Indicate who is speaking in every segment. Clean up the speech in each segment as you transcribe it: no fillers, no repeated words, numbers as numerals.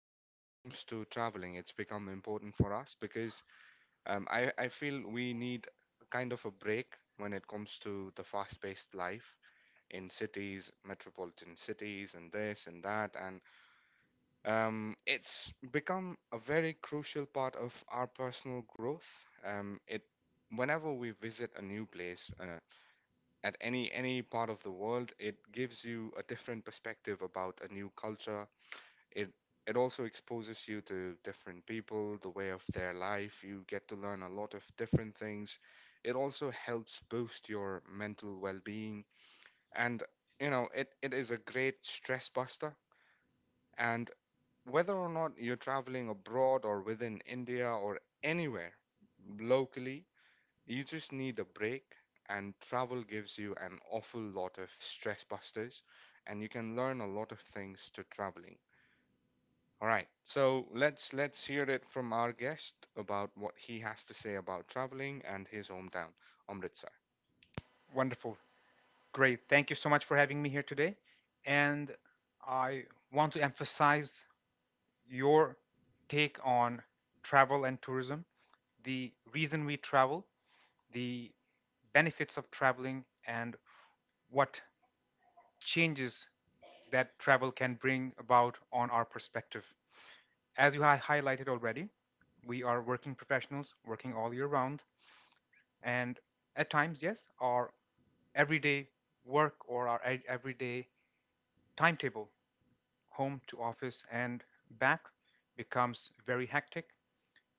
Speaker 1: when it comes to traveling, it's become important for us because I feel we need kind of a break when it comes to the fast paced life in cities, metropolitan cities, and this and that. And it's become a very crucial part of our personal growth. It Whenever we visit a new place at any part of the world, it gives you a different perspective about a new culture. It it also exposes you to different people, the way of their life. You get to learn a lot of different things. It also helps boost your mental well-being, and it is a great stress buster. And whether or not you're traveling abroad or within India or anywhere locally, you just need a break, and travel gives you an awful lot of stress busters, and you can learn a lot of things to traveling. All right. So let's hear it from our guest about what he has to say about traveling and his hometown, Amritsar.
Speaker 2: Wonderful. Great, thank you so much for having me here today. And I want to emphasize your take on travel and tourism, the reason we travel, the benefits of traveling, and what changes that travel can bring about on our perspective. As you highlighted already, we are working professionals, working all year round, and at times, yes, our everyday work or our everyday timetable home to office and back becomes very hectic,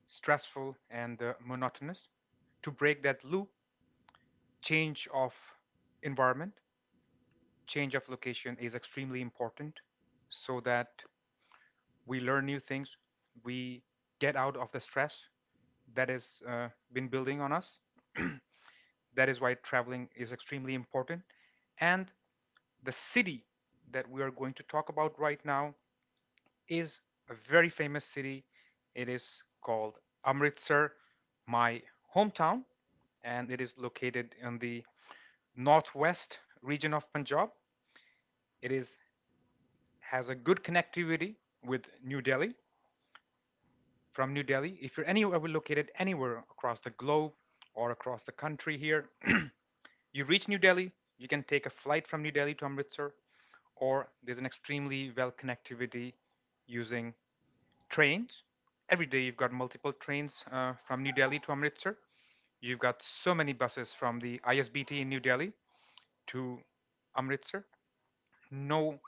Speaker 2: stressful, and monotonous. To break that loop, change of environment, change of location is extremely important so that we learn new things, we get out of the stress that has been building on us. That is why traveling is extremely important. And the city that we are going to talk about right now is a very famous city. It is called Amritsar, my hometown, and it is located in the northwest region of Punjab. It is has a good connectivity with New Delhi. From New Delhi, if you're anywhere located anywhere across the globe or across the country here, you reach New Delhi, you can take a flight from New Delhi to Amritsar, or there's an extremely well connectivity using trains. Every day you've got multiple trains from New Delhi to Amritsar. You've got so many buses from the ISBT in New Delhi to Amritsar. No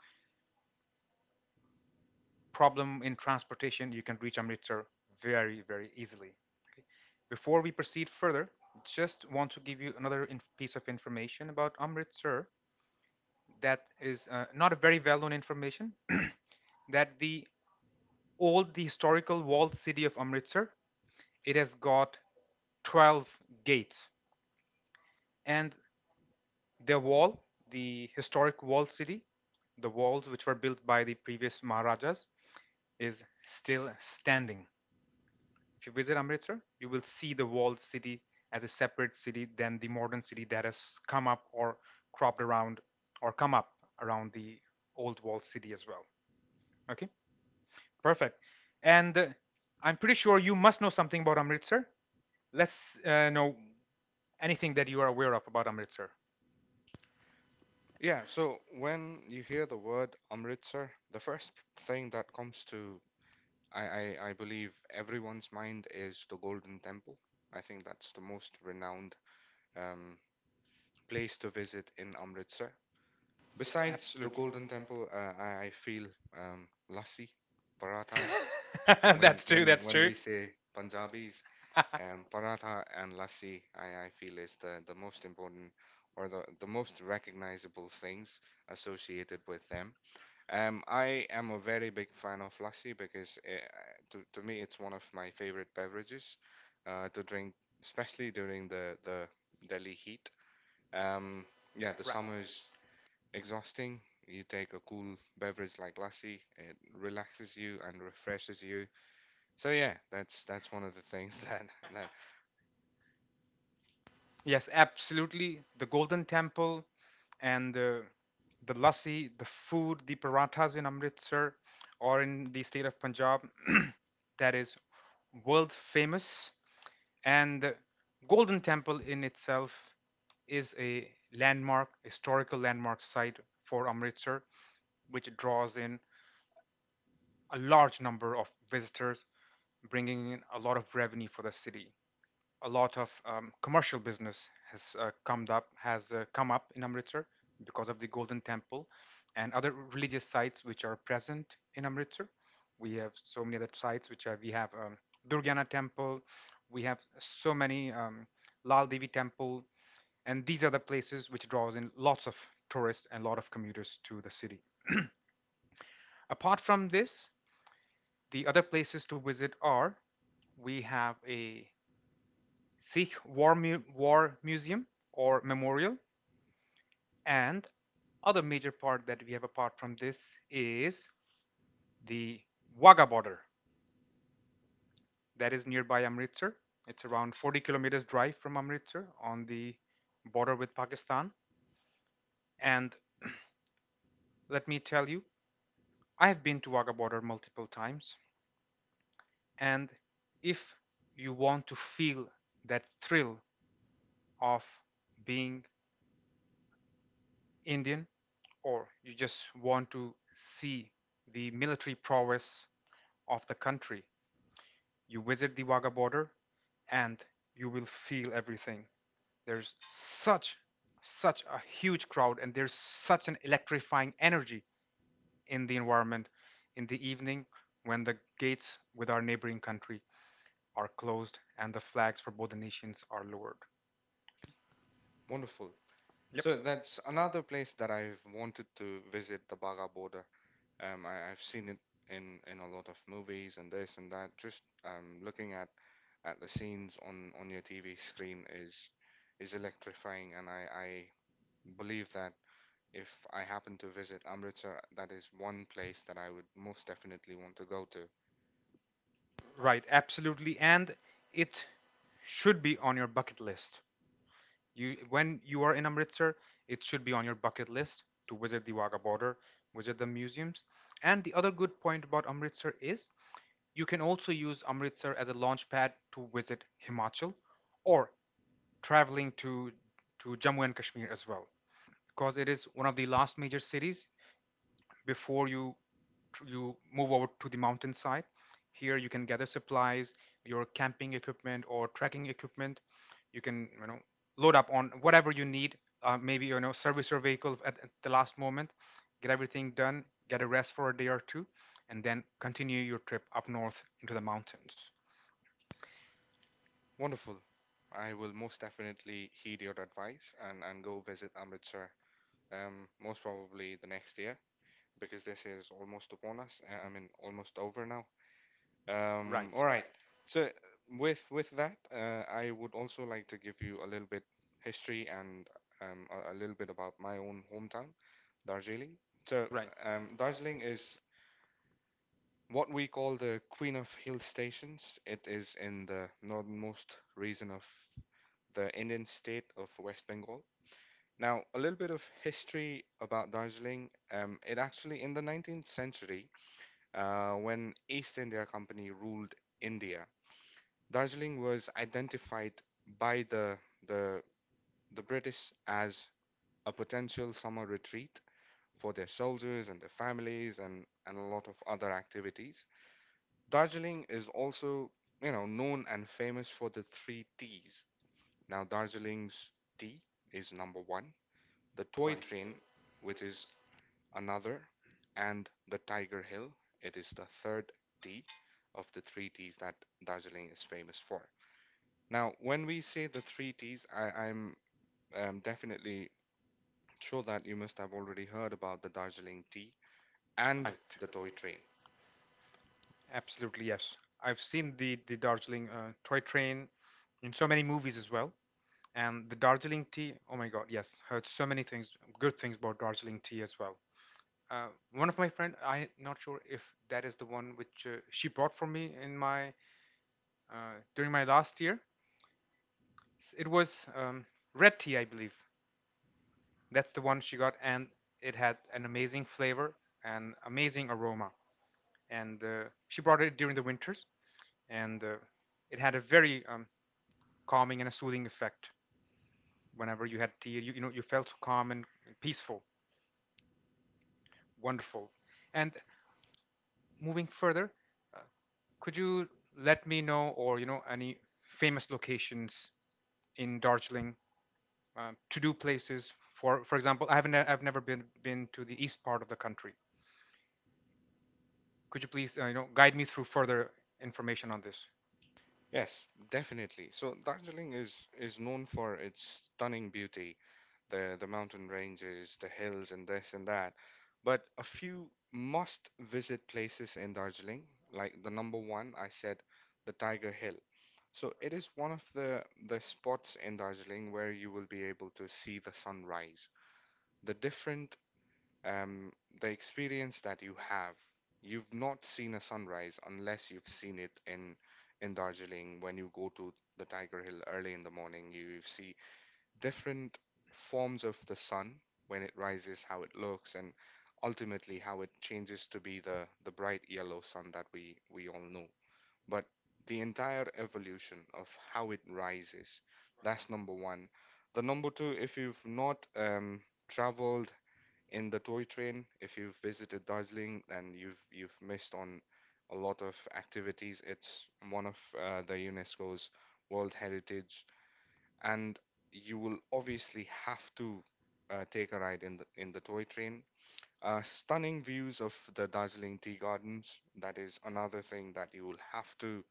Speaker 2: problem in transportation. You can reach Amritsar very, very easily. Okay. Before we proceed further, just want to give you another piece of information about Amritsar that is not a very well-known information. That the old, the historical walled city of Amritsar, it has got 12 gates, and their wall, the historic wall city, the walls which were built by the previous Maharajas, is still standing. If you visit Amritsar, you will see the walled city as a separate city than the modern city that has come up or cropped around or come up around the old walled city as well. Okay, perfect. And I'm pretty sure you must know something about Amritsar. Let's know anything that you are aware of about Amritsar.
Speaker 1: Yeah, so when you hear the word Amritsar, the first thing that comes to I, I believe everyone's mind is the Golden Temple. I think that's the most renowned um, place to visit in Amritsar.
Speaker 2: Besides,
Speaker 1: Besides the
Speaker 2: absolutely, the Golden
Speaker 1: Golden
Speaker 2: Temple.
Speaker 1: Temple, I feel lassi, parathas. When
Speaker 2: That's true,
Speaker 1: when
Speaker 2: that's
Speaker 1: when we
Speaker 2: true.
Speaker 1: say Punjabis, and paratha and lassi, I feel, is the most important, or the most recognizable things associated with them. I am a very big fan of lassi because to me it's one of my favorite beverages to drink, especially during the Delhi heat. Um, yeah, the summer is exhausting. You take a cool beverage like lassi, it relaxes you and refreshes you. So yeah, that's one of the things that
Speaker 2: Yes, absolutely. The Golden Temple and the lassi, the food, the parathas in Amritsar or in the state of Punjab, that is world famous, and the Golden Temple in itself is a landmark, historical landmark site for Amritsar which draws in a large number of visitors, bringing in a lot of revenue for the city. A lot of commercial business has come up in Amritsar because of the Golden Temple and other religious sites which are present in Amritsar. We have so many other sites which are we have Durgana Temple, we have so many Lal Devi Temple, and these are the places which draws in lots of tourists and a lot of commuters to the city. Apart from this, the other places to visit are we have a Sikh War, War Museum or Memorial. And other major part that we have apart from this is the Wagah border that is nearby Amritsar. It's around 40 kilometers drive from Amritsar on the border with Pakistan. And let me tell you, I have been to Wagah border multiple times. And if you want to feel that thrill of being Indian or you just want to see the military prowess of the country, you visit the Wagah border and you will feel everything. There's such such a huge crowd and there's such an electrifying energy in the environment in the evening when the gates with our neighboring country are closed and the flags for both the nations are lowered.
Speaker 1: wonderful.
Speaker 2: Yep. So
Speaker 1: So
Speaker 2: that's
Speaker 1: that's
Speaker 2: another...
Speaker 1: another place that I've wanted to visit, the Baga border. I've seen it in a lot of movies and this and that. Just looking at the scenes on your TV screen is electrifying, and I believe that if I happen to visit Amritsar, that is one place that I would most definitely want to go to.
Speaker 2: Right, absolutely, and it should be on your bucket list. You, when you are in Amritsar, it should be on your bucket list to visit the Wagah border, visit the museums. And the other good point about Amritsar is you can also use Amritsar as a launch pad to visit Himachal or traveling to Jammu and Kashmir as well, because it is one of the last major cities before you move over to the mountainside. Here you can gather supplies, your camping equipment or trekking equipment. You can, you know, load up on whatever you need. Maybe, you know, service your vehicle at the last moment, get everything done, get a rest for a day or two, and then continue your trip up north into the mountains.
Speaker 1: Wonderful. I will most definitely heed your advice and go visit Amritsar. Most probably the next year, because this is almost upon us. I mean, almost over now.
Speaker 2: Right,
Speaker 1: All right. So with that, I would also like to give you a little bit history and a little bit about my own hometown, Darjeeling. So
Speaker 2: right,
Speaker 1: Darjeeling is what we call the Queen of Hill Stations. It is in the northernmost region of the Indian state of West Bengal. Now, a little bit of history about Darjeeling. It actually, in the 19th century, when East India Company ruled India, Darjeeling was identified by the, the British as a potential summer retreat for their soldiers and their families, and a lot of other activities. Darjeeling is also, you know, known and famous for the three T's. Now, Darjeeling's tea is number one. The toy
Speaker 2: right,
Speaker 1: train, which is another, and the Tiger Hill. It is the third T of the three T's that Darjeeling is famous for. Now, when we say the three T's, I'm definitely sure that you must have already heard about the Darjeeling tea and
Speaker 2: right.
Speaker 1: the toy train.
Speaker 2: Absolutely, yes. I've seen the Darjeeling toy train in so many movies as well, and the Darjeeling tea. Oh my God, yes, heard so many things, good things about Darjeeling tea as well. Uh, One of my friend, I'm not sure if that is the one which she bought for me in my during my last year. It was red tea, I believe. That's the one she got, and it had an amazing flavor and amazing aroma. And she brought it during the winters, and it had a very calming and a soothing effect. Whenever you had tea, you know, you felt calm and peaceful. Wonderful. And moving further, uh, could you let me know or you know any famous locations in Darjeeling, to-do places for example, I've never been to the east part of the country. Could you please, you know, guide me through further information on this?
Speaker 1: Yes, definitely. So Darjeeling is known for its stunning beauty, the mountain ranges, the hills, and this and that. But a few must visit places in Darjeeling, like the number one, I said, the Tiger Hill. So it is one of the spots in Darjeeling where you will be able to see the sunrise. The different um, the experience that you have, you've not seen a sunrise unless you've seen it in Darjeeling when you go to the Tiger Hill early in the morning. You see different forms of the sun when it rises, how it looks, and ultimately how it changes to be the bright yellow sun that we all know. But the entire evolution of how it rises, that's number one. The number two, if you've not traveled in the toy train, if you've visited Darjeeling and you've missed on a lot of activities, it's one of the UNESCO's World Heritage, and you will obviously have to take a ride in the toy train. Stunning views of the Darjeeling Tea Gardens. That is another thing that you will have to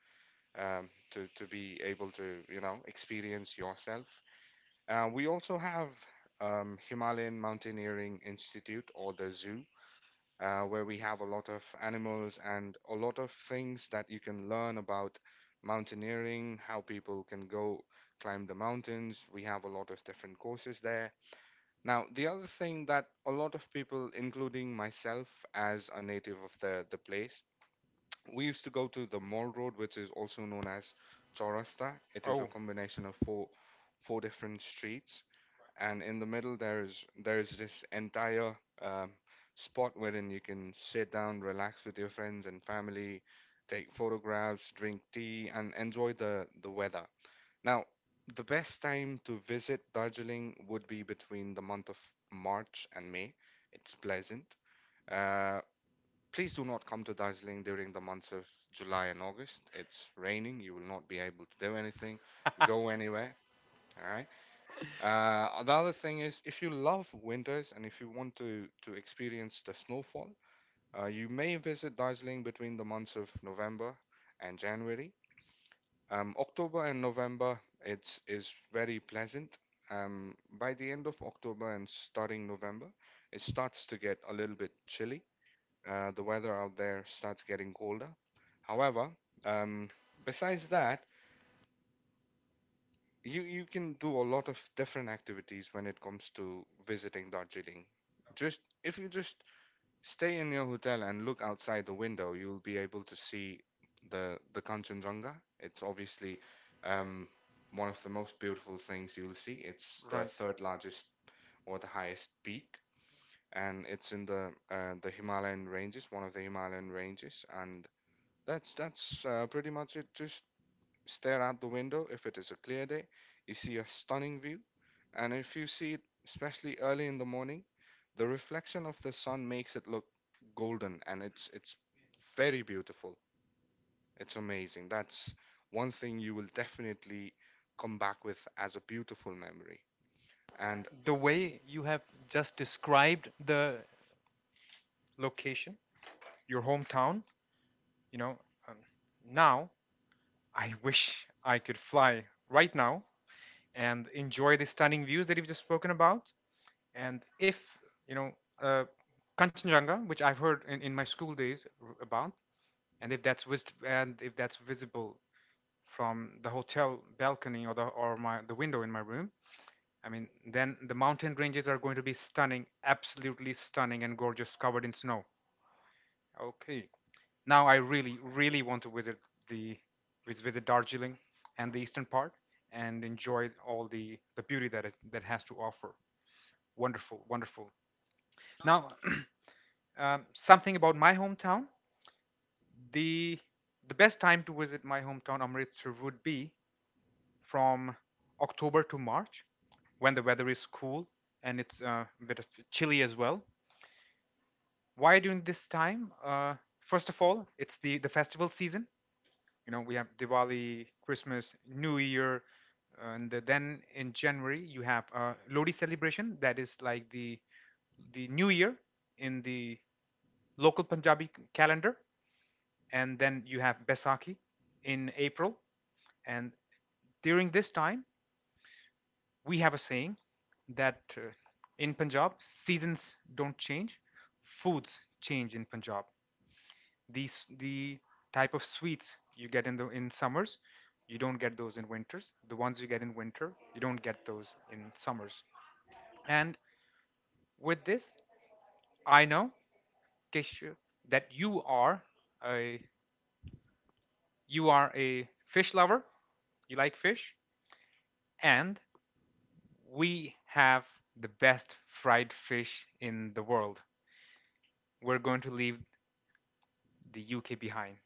Speaker 1: to be able to, you know, experience yourself. We also have Himalayan Mountaineering Institute or the zoo where we have a lot of animals and a lot of things that you can learn about mountaineering, how people can go climb the mountains. We have a lot of different courses there. Now, the other thing that a lot of people, including myself as a native of the place, we used to go to the Mall Road, which is also known as Chaurasta. It is a
Speaker 2: Oh.
Speaker 1: combination of four different streets, and in the middle there is this entire um, spot wherein you can sit down, relax with your friends and family, take photographs, drink tea, and enjoy the weather. Now, the best time to visit Darjeeling would be between the month of March and May. It's pleasant. Uh, please do not come to Darjeeling during the months of July and August. It's raining. You will not be able to do anything, go anywhere. All right. The other thing is, if you love winters and if you want to experience the snowfall, you may visit Darjeeling between the months of November and January. October and November, it's is very pleasant. By the end of October and starting November, it starts to get a little bit chilly. The weather out there starts getting colder. However, um, besides that, you can do a lot of different activities when it comes to visiting Darjeeling. Just if you just stay in your hotel and look outside the window, you'll be able to see the Kanchenjunga. It's obviously um, one of the most beautiful things you'll see. It's the
Speaker 2: Right.
Speaker 1: third largest or the highest peak, and it's in the the Himalayan ranges, one of the Himalayan ranges, and that's pretty much it. Just stare out the window if it is a clear day. You see a stunning view, and if you see it, especially early in the morning, the reflection of the sun makes it look golden, and it's very beautiful. It's amazing. That's one thing you will definitely come back with as a beautiful memory. And
Speaker 2: The way you have just described the location, your hometown, you know, um, now I wish I could fly right now and enjoy the stunning views that you've just spoken about. And if, you know, uh, Kanchenjunga, which I've heard in my school days about, and if that's vis- and if that's visible from the hotel balcony or the window in my room, I mean, then the mountain ranges are going to be stunning, absolutely stunning and gorgeous, covered in snow. Okay, now I really, really want to visit the visit Darjeeling and the eastern part and enjoy all the beauty that it that has to offer. Wonderful, wonderful. Now, something about my hometown. The the best time to visit my hometown Amritsar would be from October to March when the weather is cool and it's a bit of chilly as well. Why during this time? First of all, it's the festival season. You know, we have Diwali, Christmas, New Year, and then in January you have Lodi celebration. That is like the New Year in the local Punjabi calendar, and then you have Baisakhi in April. And during this time, we have a saying that in Punjab, seasons don't change, foods change in Punjab. These the type of sweets you get in the in summers you don't get those in winters, the ones you get in winter you don't get those in summers. And with this, I know, Keshu, that a you are a fish lover, you like fish, and we have the best fried fish in the world. We're going to leave the UK behind.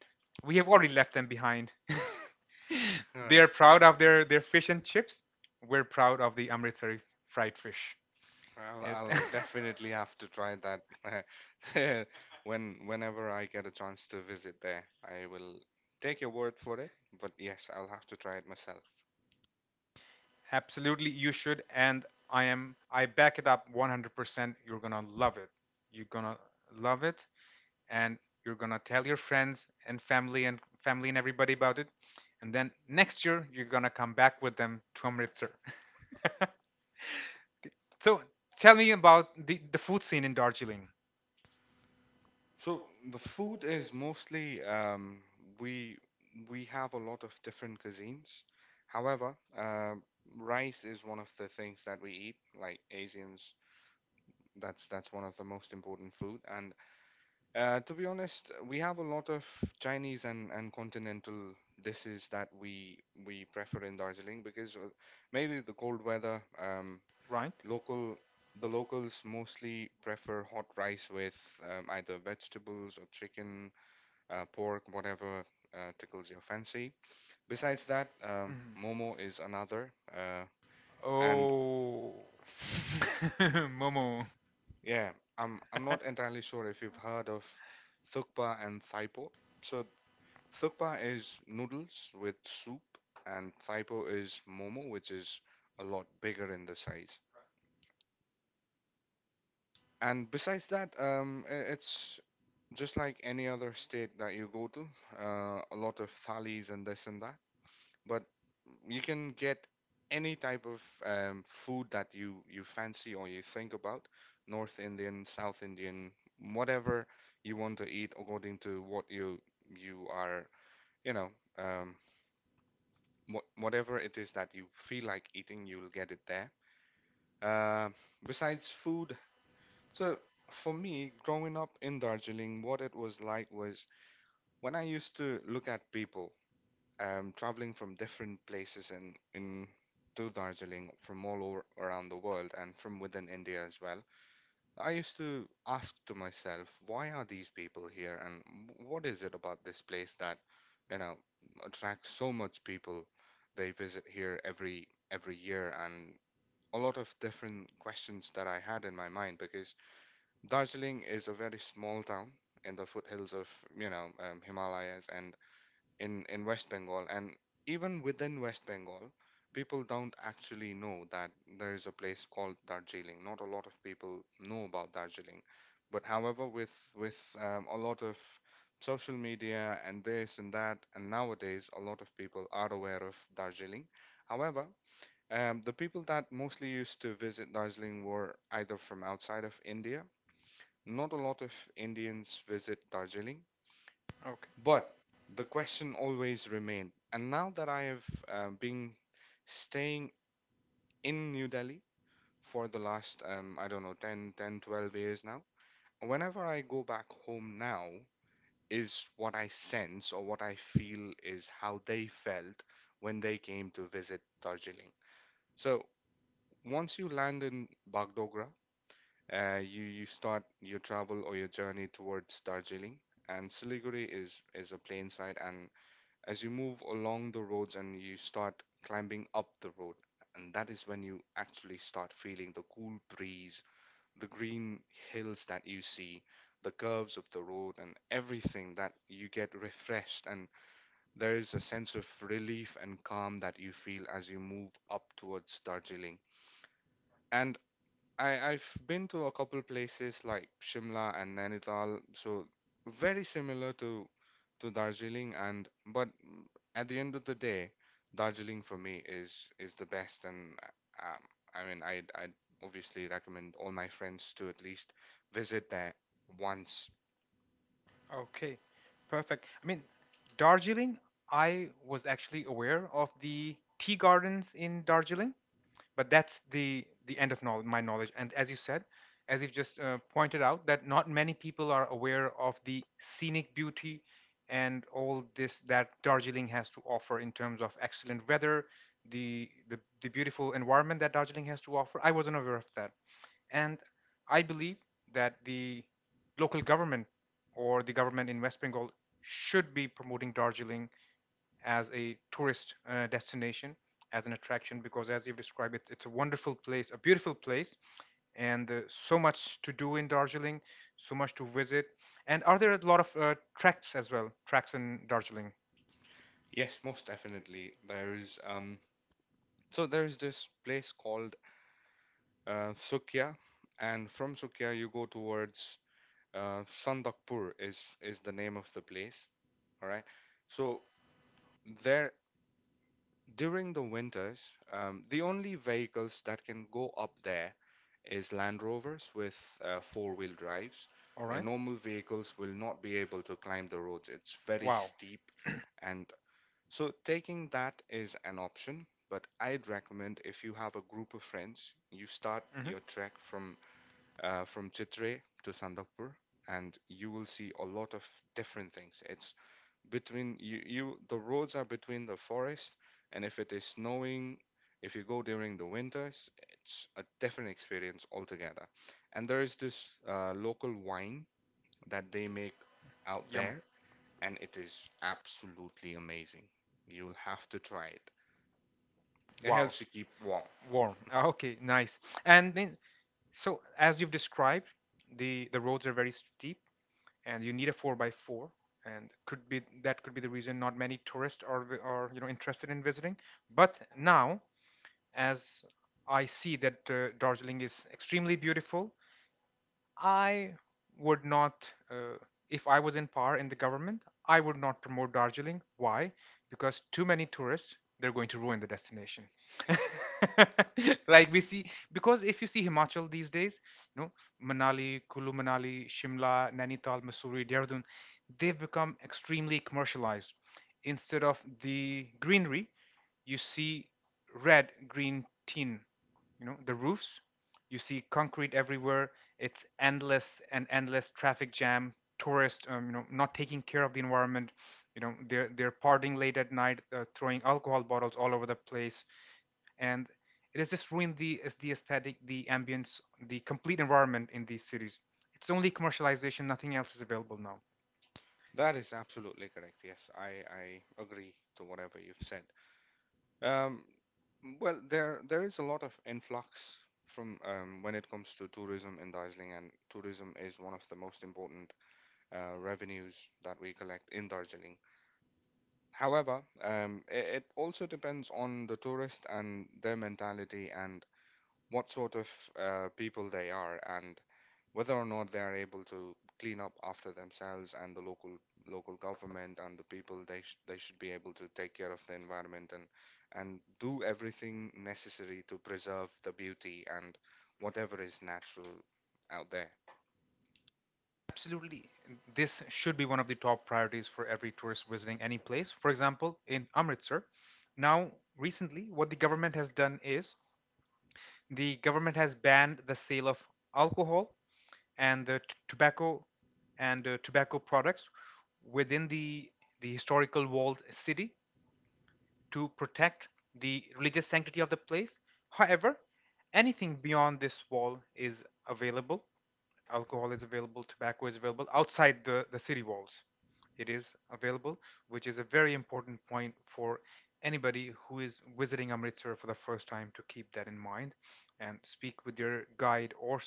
Speaker 2: We have already left them behind.
Speaker 1: right.
Speaker 2: They are proud of their fish and chips. We're proud of the Amritsari fried fish.
Speaker 1: I'll
Speaker 2: Well, it- I would
Speaker 1: I'll definitely
Speaker 2: definitely
Speaker 1: have
Speaker 2: have
Speaker 1: to
Speaker 2: to try
Speaker 1: try that
Speaker 2: that.
Speaker 1: when whenever I get a chance to visit there. I will take your word for it, but yes, I'll have to try it myself.
Speaker 2: Absolutely, you should. And I am, I back it up 100%. You're gonna love it. You're gonna love it, and you're gonna tell your friends and family and everybody about it. And then next year, you're gonna come back with them to Amritsar. So tell me about the food scene in Darjeeling.
Speaker 1: So the food is mostly we we have a lot of different cuisines. However, rice is one of the things that we eat, like Asians. That's one of the most important food, and to be honest, we have a lot of Chinese and, continental dishes that we prefer in Darjeeling because maybe the cold weather,
Speaker 2: Right?
Speaker 1: local the locals mostly prefer hot rice with either vegetables or chicken, pork, whatever tickles your fancy. Besides that,
Speaker 2: Mhm.
Speaker 1: momo is another, and
Speaker 2: Oh. Momo.
Speaker 1: yeah, I'm not entirely sure if you've heard of thukpa and thaipo. So thukpa is noodles with soup, and thaipo is momo, which is a lot bigger in the size. And besides that, it's just like any other state that you go to, a lot of thalis and this and that. But you can get any type of food that you, fancy or you think about, North Indian, South Indian, whatever you want to eat according to what you are, you know, um, whatever it is that you feel like eating, you'll get it there. Uh, Besides food, so for me, growing up in Darjeeling, what it was like was when I used to look at people traveling from different places in to Darjeeling from all over around the world and from within India as well. I used to ask to myself, why are these people here and what is it about this place that, you know, attracts so much people? They visit here every year, and a lot of different questions that I had in my mind, because Darjeeling is a very small town in the foothills of, Himalayas, and in West Bengal, and even within West Bengal, people don't actually know that there is a place called Darjeeling. Not a lot of people know about Darjeeling, but however, with a lot of social media and this and that, and nowadays a lot of people are aware of Darjeeling. However, the people that mostly used to visit Darjeeling were either from outside of India. Not a lot of Indians visit Darjeeling,
Speaker 2: Okay,
Speaker 1: but the question always remained. And now that I have been staying in New Delhi for the last, I don't know, 12 years now, whenever I go back home now, is what I sense or what I feel is how they felt when they came to visit Darjeeling. So once you land in Bagdogra, you, start your travel or your journey towards Darjeeling. And Siliguri is a plain side, and as you move along the roads and you start climbing up the road, and that is when you actually start feeling the cool breeze, the green hills that you see, the curves of the road, and everything, that you get refreshed, and there is a sense of relief and calm that you feel as you move up towards Darjeeling. And I've been to a couple places like Shimla and Nainital, so very similar to Darjeeling, and but at the end of the day, Darjeeling for me is the best. And I mean, I'd obviously recommend all my friends to at least visit there once.
Speaker 2: okay, perfect. I mean, Darjeeling. I was actually aware of the tea gardens in Darjeeling, but that's the end of my knowledge, and as you said, as you've just pointed out that not many people are aware of the scenic beauty and all this that Darjeeling has to offer in terms of excellent weather, the beautiful environment that Darjeeling has to offer, I wasn't aware of that. And I believe that the local government or the government in West Bengal should be promoting Darjeeling as a tourist destination, as an attraction, because as you've described it, it's a wonderful place, a beautiful place, and so much to do in Darjeeling, so much to visit. And are there a lot of tracks as well, tracks in Darjeeling?
Speaker 1: Yes, most definitely. There is so there is this place called Sukya, and from Sukya you go towards Sandakpur. Is the name of the place. All right. So there, during the winters, the only vehicles that can go up there is Land Rovers with four-wheel drives.
Speaker 2: All right.
Speaker 1: And normal
Speaker 2: Normal vehicles
Speaker 1: vehicles
Speaker 2: will
Speaker 1: will
Speaker 2: not
Speaker 1: not be
Speaker 2: be able
Speaker 1: able to
Speaker 2: to
Speaker 1: climb
Speaker 2: climb
Speaker 1: the
Speaker 2: the
Speaker 1: roads.
Speaker 2: roads.
Speaker 1: It's
Speaker 2: It's very
Speaker 1: very
Speaker 2: Wow. steep,
Speaker 1: steep, and so taking that is an option. But I'd recommend if you have a group of friends, you start
Speaker 2: start Mhm.
Speaker 1: your
Speaker 2: your
Speaker 1: trek
Speaker 2: track from
Speaker 1: from Chitre to Sandakpur, and you will see a lot of different things. It's between you, you the roads are between the forest, and if it is snowing, if you go during the winters, it's a different experience altogether. And there is this local wine that they make out
Speaker 2: out Yum. There.
Speaker 1: there, and it is absolutely amazing. You'll have to try it.
Speaker 2: It
Speaker 1: It
Speaker 2: Wow.
Speaker 1: helps
Speaker 2: helps
Speaker 1: you
Speaker 2: you keep
Speaker 1: keep warm.
Speaker 2: Warm. Warm. Ah, okay, nice. And then, so as you've described, the roads are very steep, and you need a 4 by 4, and could be that could be the reason not many tourists are you know interested in visiting. But now, as I see that Darjeeling is extremely beautiful, I would not, if I was in power in the government, I would not promote Darjeeling. Why? Because too many tourists, they're going to ruin the destination. Like we see, because if you see Himachal these days, you know, Manali, Kulu Manali, Shimla, Nainital, Mussoorie, Dehradun, they've become extremely commercialized. Instead of the greenery, you see red green tin, you know, the roofs, you see concrete everywhere. It's endless and endless traffic jam, tourists you know, not taking care of the environment. You know, they're partying late at night, throwing alcohol bottles all over the place. And it has just ruined the, is the aesthetic, the ambience, the complete environment in these cities. It's only commercialization, nothing else is available now.
Speaker 1: That is absolutely correct. Yes, I agree to whatever you've said. Um, well, there is a lot of influx from, when it comes to tourism in Darjeeling, and tourism is one of the most important revenues that we collect in Darjeeling. However, it, it also depends on the tourist and their mentality, and what sort of people they are, and whether or not they are able to clean up after themselves. And the local government and the people, they should be able to take care of the environment, and do everything necessary to preserve the beauty and whatever is natural out there.
Speaker 2: Absolutely. This should be one of the top priorities for every tourist visiting any place. For example, in Amritsar, now recently, what the government has done is the government has banned the sale of alcohol and the tobacco and tobacco products within the historical walled city, to protect the religious sanctity of the place. However, anything beyond this wall is available. Alcohol is available, tobacco is available outside the city walls. It is available, which is a very important point for anybody who is visiting Amritsar for the first time to keep that in mind, and speak with your guide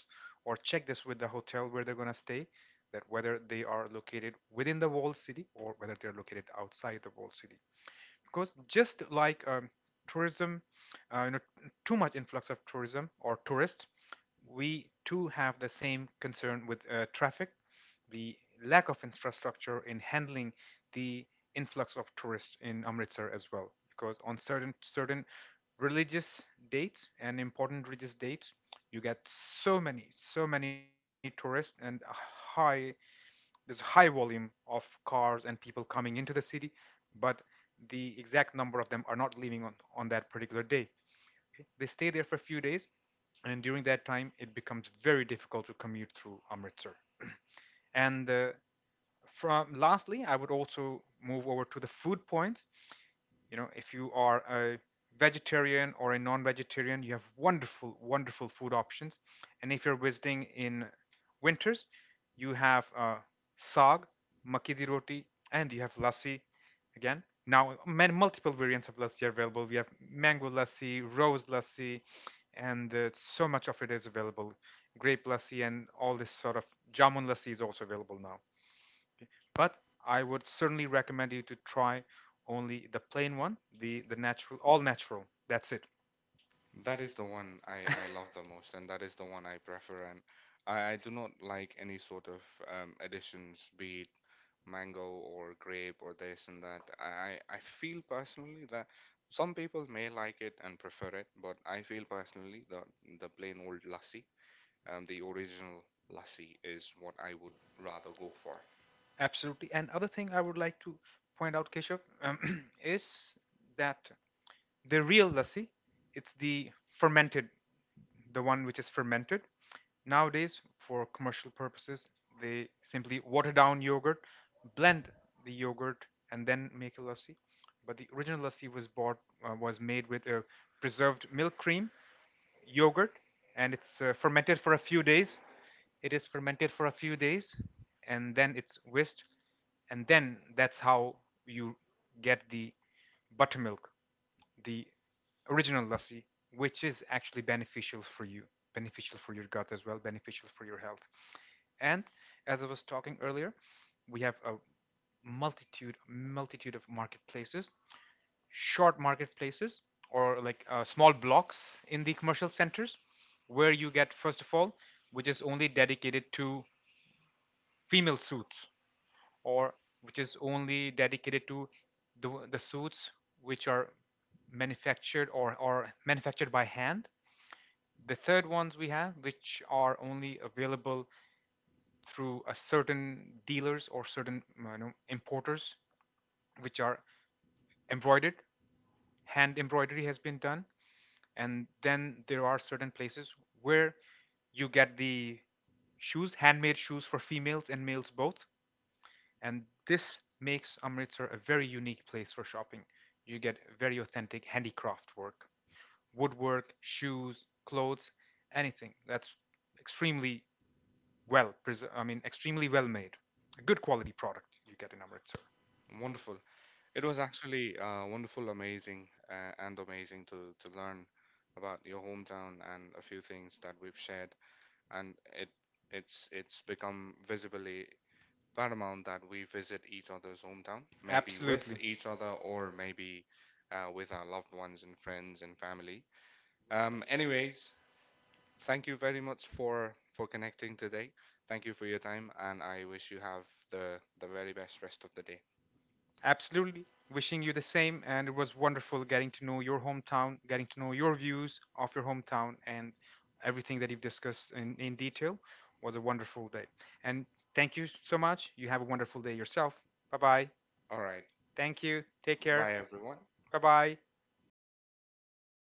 Speaker 2: or check this with the hotel where they're going to stay, that whether they are located within the walled city or whether they're located outside the walled city. Because just like tourism, you know, too much influx of tourism or tourists, we too have the same concern with traffic, the lack of infrastructure in handling the influx of tourists in Amritsar as well. Because on certain religious dates and important religious dates, you get so many tourists, and high, there's high volume of cars and people coming into the city, but the exact number of them are not leaving on that particular day. They stay there for a few days, and during that time it becomes very difficult to commute through Amritsar. And from lastly, I would also move over to the food points. You know, if you are a vegetarian or a non-vegetarian, you have wonderful, wonderful food options. And if you're visiting in winters, you have saag, makki di roti, and you have lassi. Again, now many multiple variants of lassi are available. We have mango lassi, rose lassi, and so much of it is available. Grape lassi and all this sort of jamun lassi is also available now, but I would certainly recommend you to try only the plain one, the natural, all natural. That's it.
Speaker 1: That
Speaker 2: That
Speaker 1: is
Speaker 2: is
Speaker 1: the
Speaker 2: the one.
Speaker 1: one
Speaker 2: I love
Speaker 1: I love the
Speaker 2: the
Speaker 1: most, and
Speaker 2: most.
Speaker 1: that is the one I prefer. And I do not like any sort of additions, be it mango or grape or this and that. I feel personally that some people may like it and prefer it, but I feel personally the plain old lassi, the original lassi is what I would rather go for.
Speaker 2: Absolutely. And other thing I would like to point out, Keshav, is that the real lassi, it's the fermented, the one which is fermented. Nowadays, for commercial purposes, they simply water down yogurt, blend the yogurt, and then make a lassi. But the original lassi was bought, was made with a preserved milk cream, yogurt, and it's fermented for a few days. It is fermented for a few days, and then it's whisked, and then that's how you get the buttermilk, the original lassi, which is actually beneficial for you, beneficial for your gut as well, beneficial for your health. And as I was talking earlier, we have a multitude of marketplaces, short marketplaces, or like small blocks in the commercial centers, where you get first of all, which is only dedicated to female suits, or which is only dedicated to the suits which are manufactured or manufactured by hand. The third ones we have, which are only available through a certain dealers or certain you know, importers, which are embroidered, hand embroidery has been done. And then there are certain places where you get the shoes, handmade shoes for females and males both. And this makes Amritsar a very unique place for shopping. You get very authentic handicraft work, woodwork, shoes, clothes, anything that's extremely, well, I mean extremely well made. A good quality product you get in Amritsar.
Speaker 1: Wonderful. It was actually wonderful, amazing, and amazing to learn about your hometown and a few things that we've shared. And it's become visibly paramount that we visit each other's hometown, maybe with
Speaker 2: Absolutely.
Speaker 1: each other or maybe with our loved ones and friends and family. Anyways, thank you very much for connecting today. Thank you for your time, and I wish you have the very best rest of the day.
Speaker 2: Absolutely. Wishing you the same. And it was wonderful getting to know your hometown, getting to know your views of your hometown, and everything that you've discussed in detail was a wonderful day. And thank you so much. You have a wonderful day yourself. Bye bye.
Speaker 1: All right,
Speaker 2: Thank you. Take care.
Speaker 1: bye everyone.
Speaker 2: Bye bye.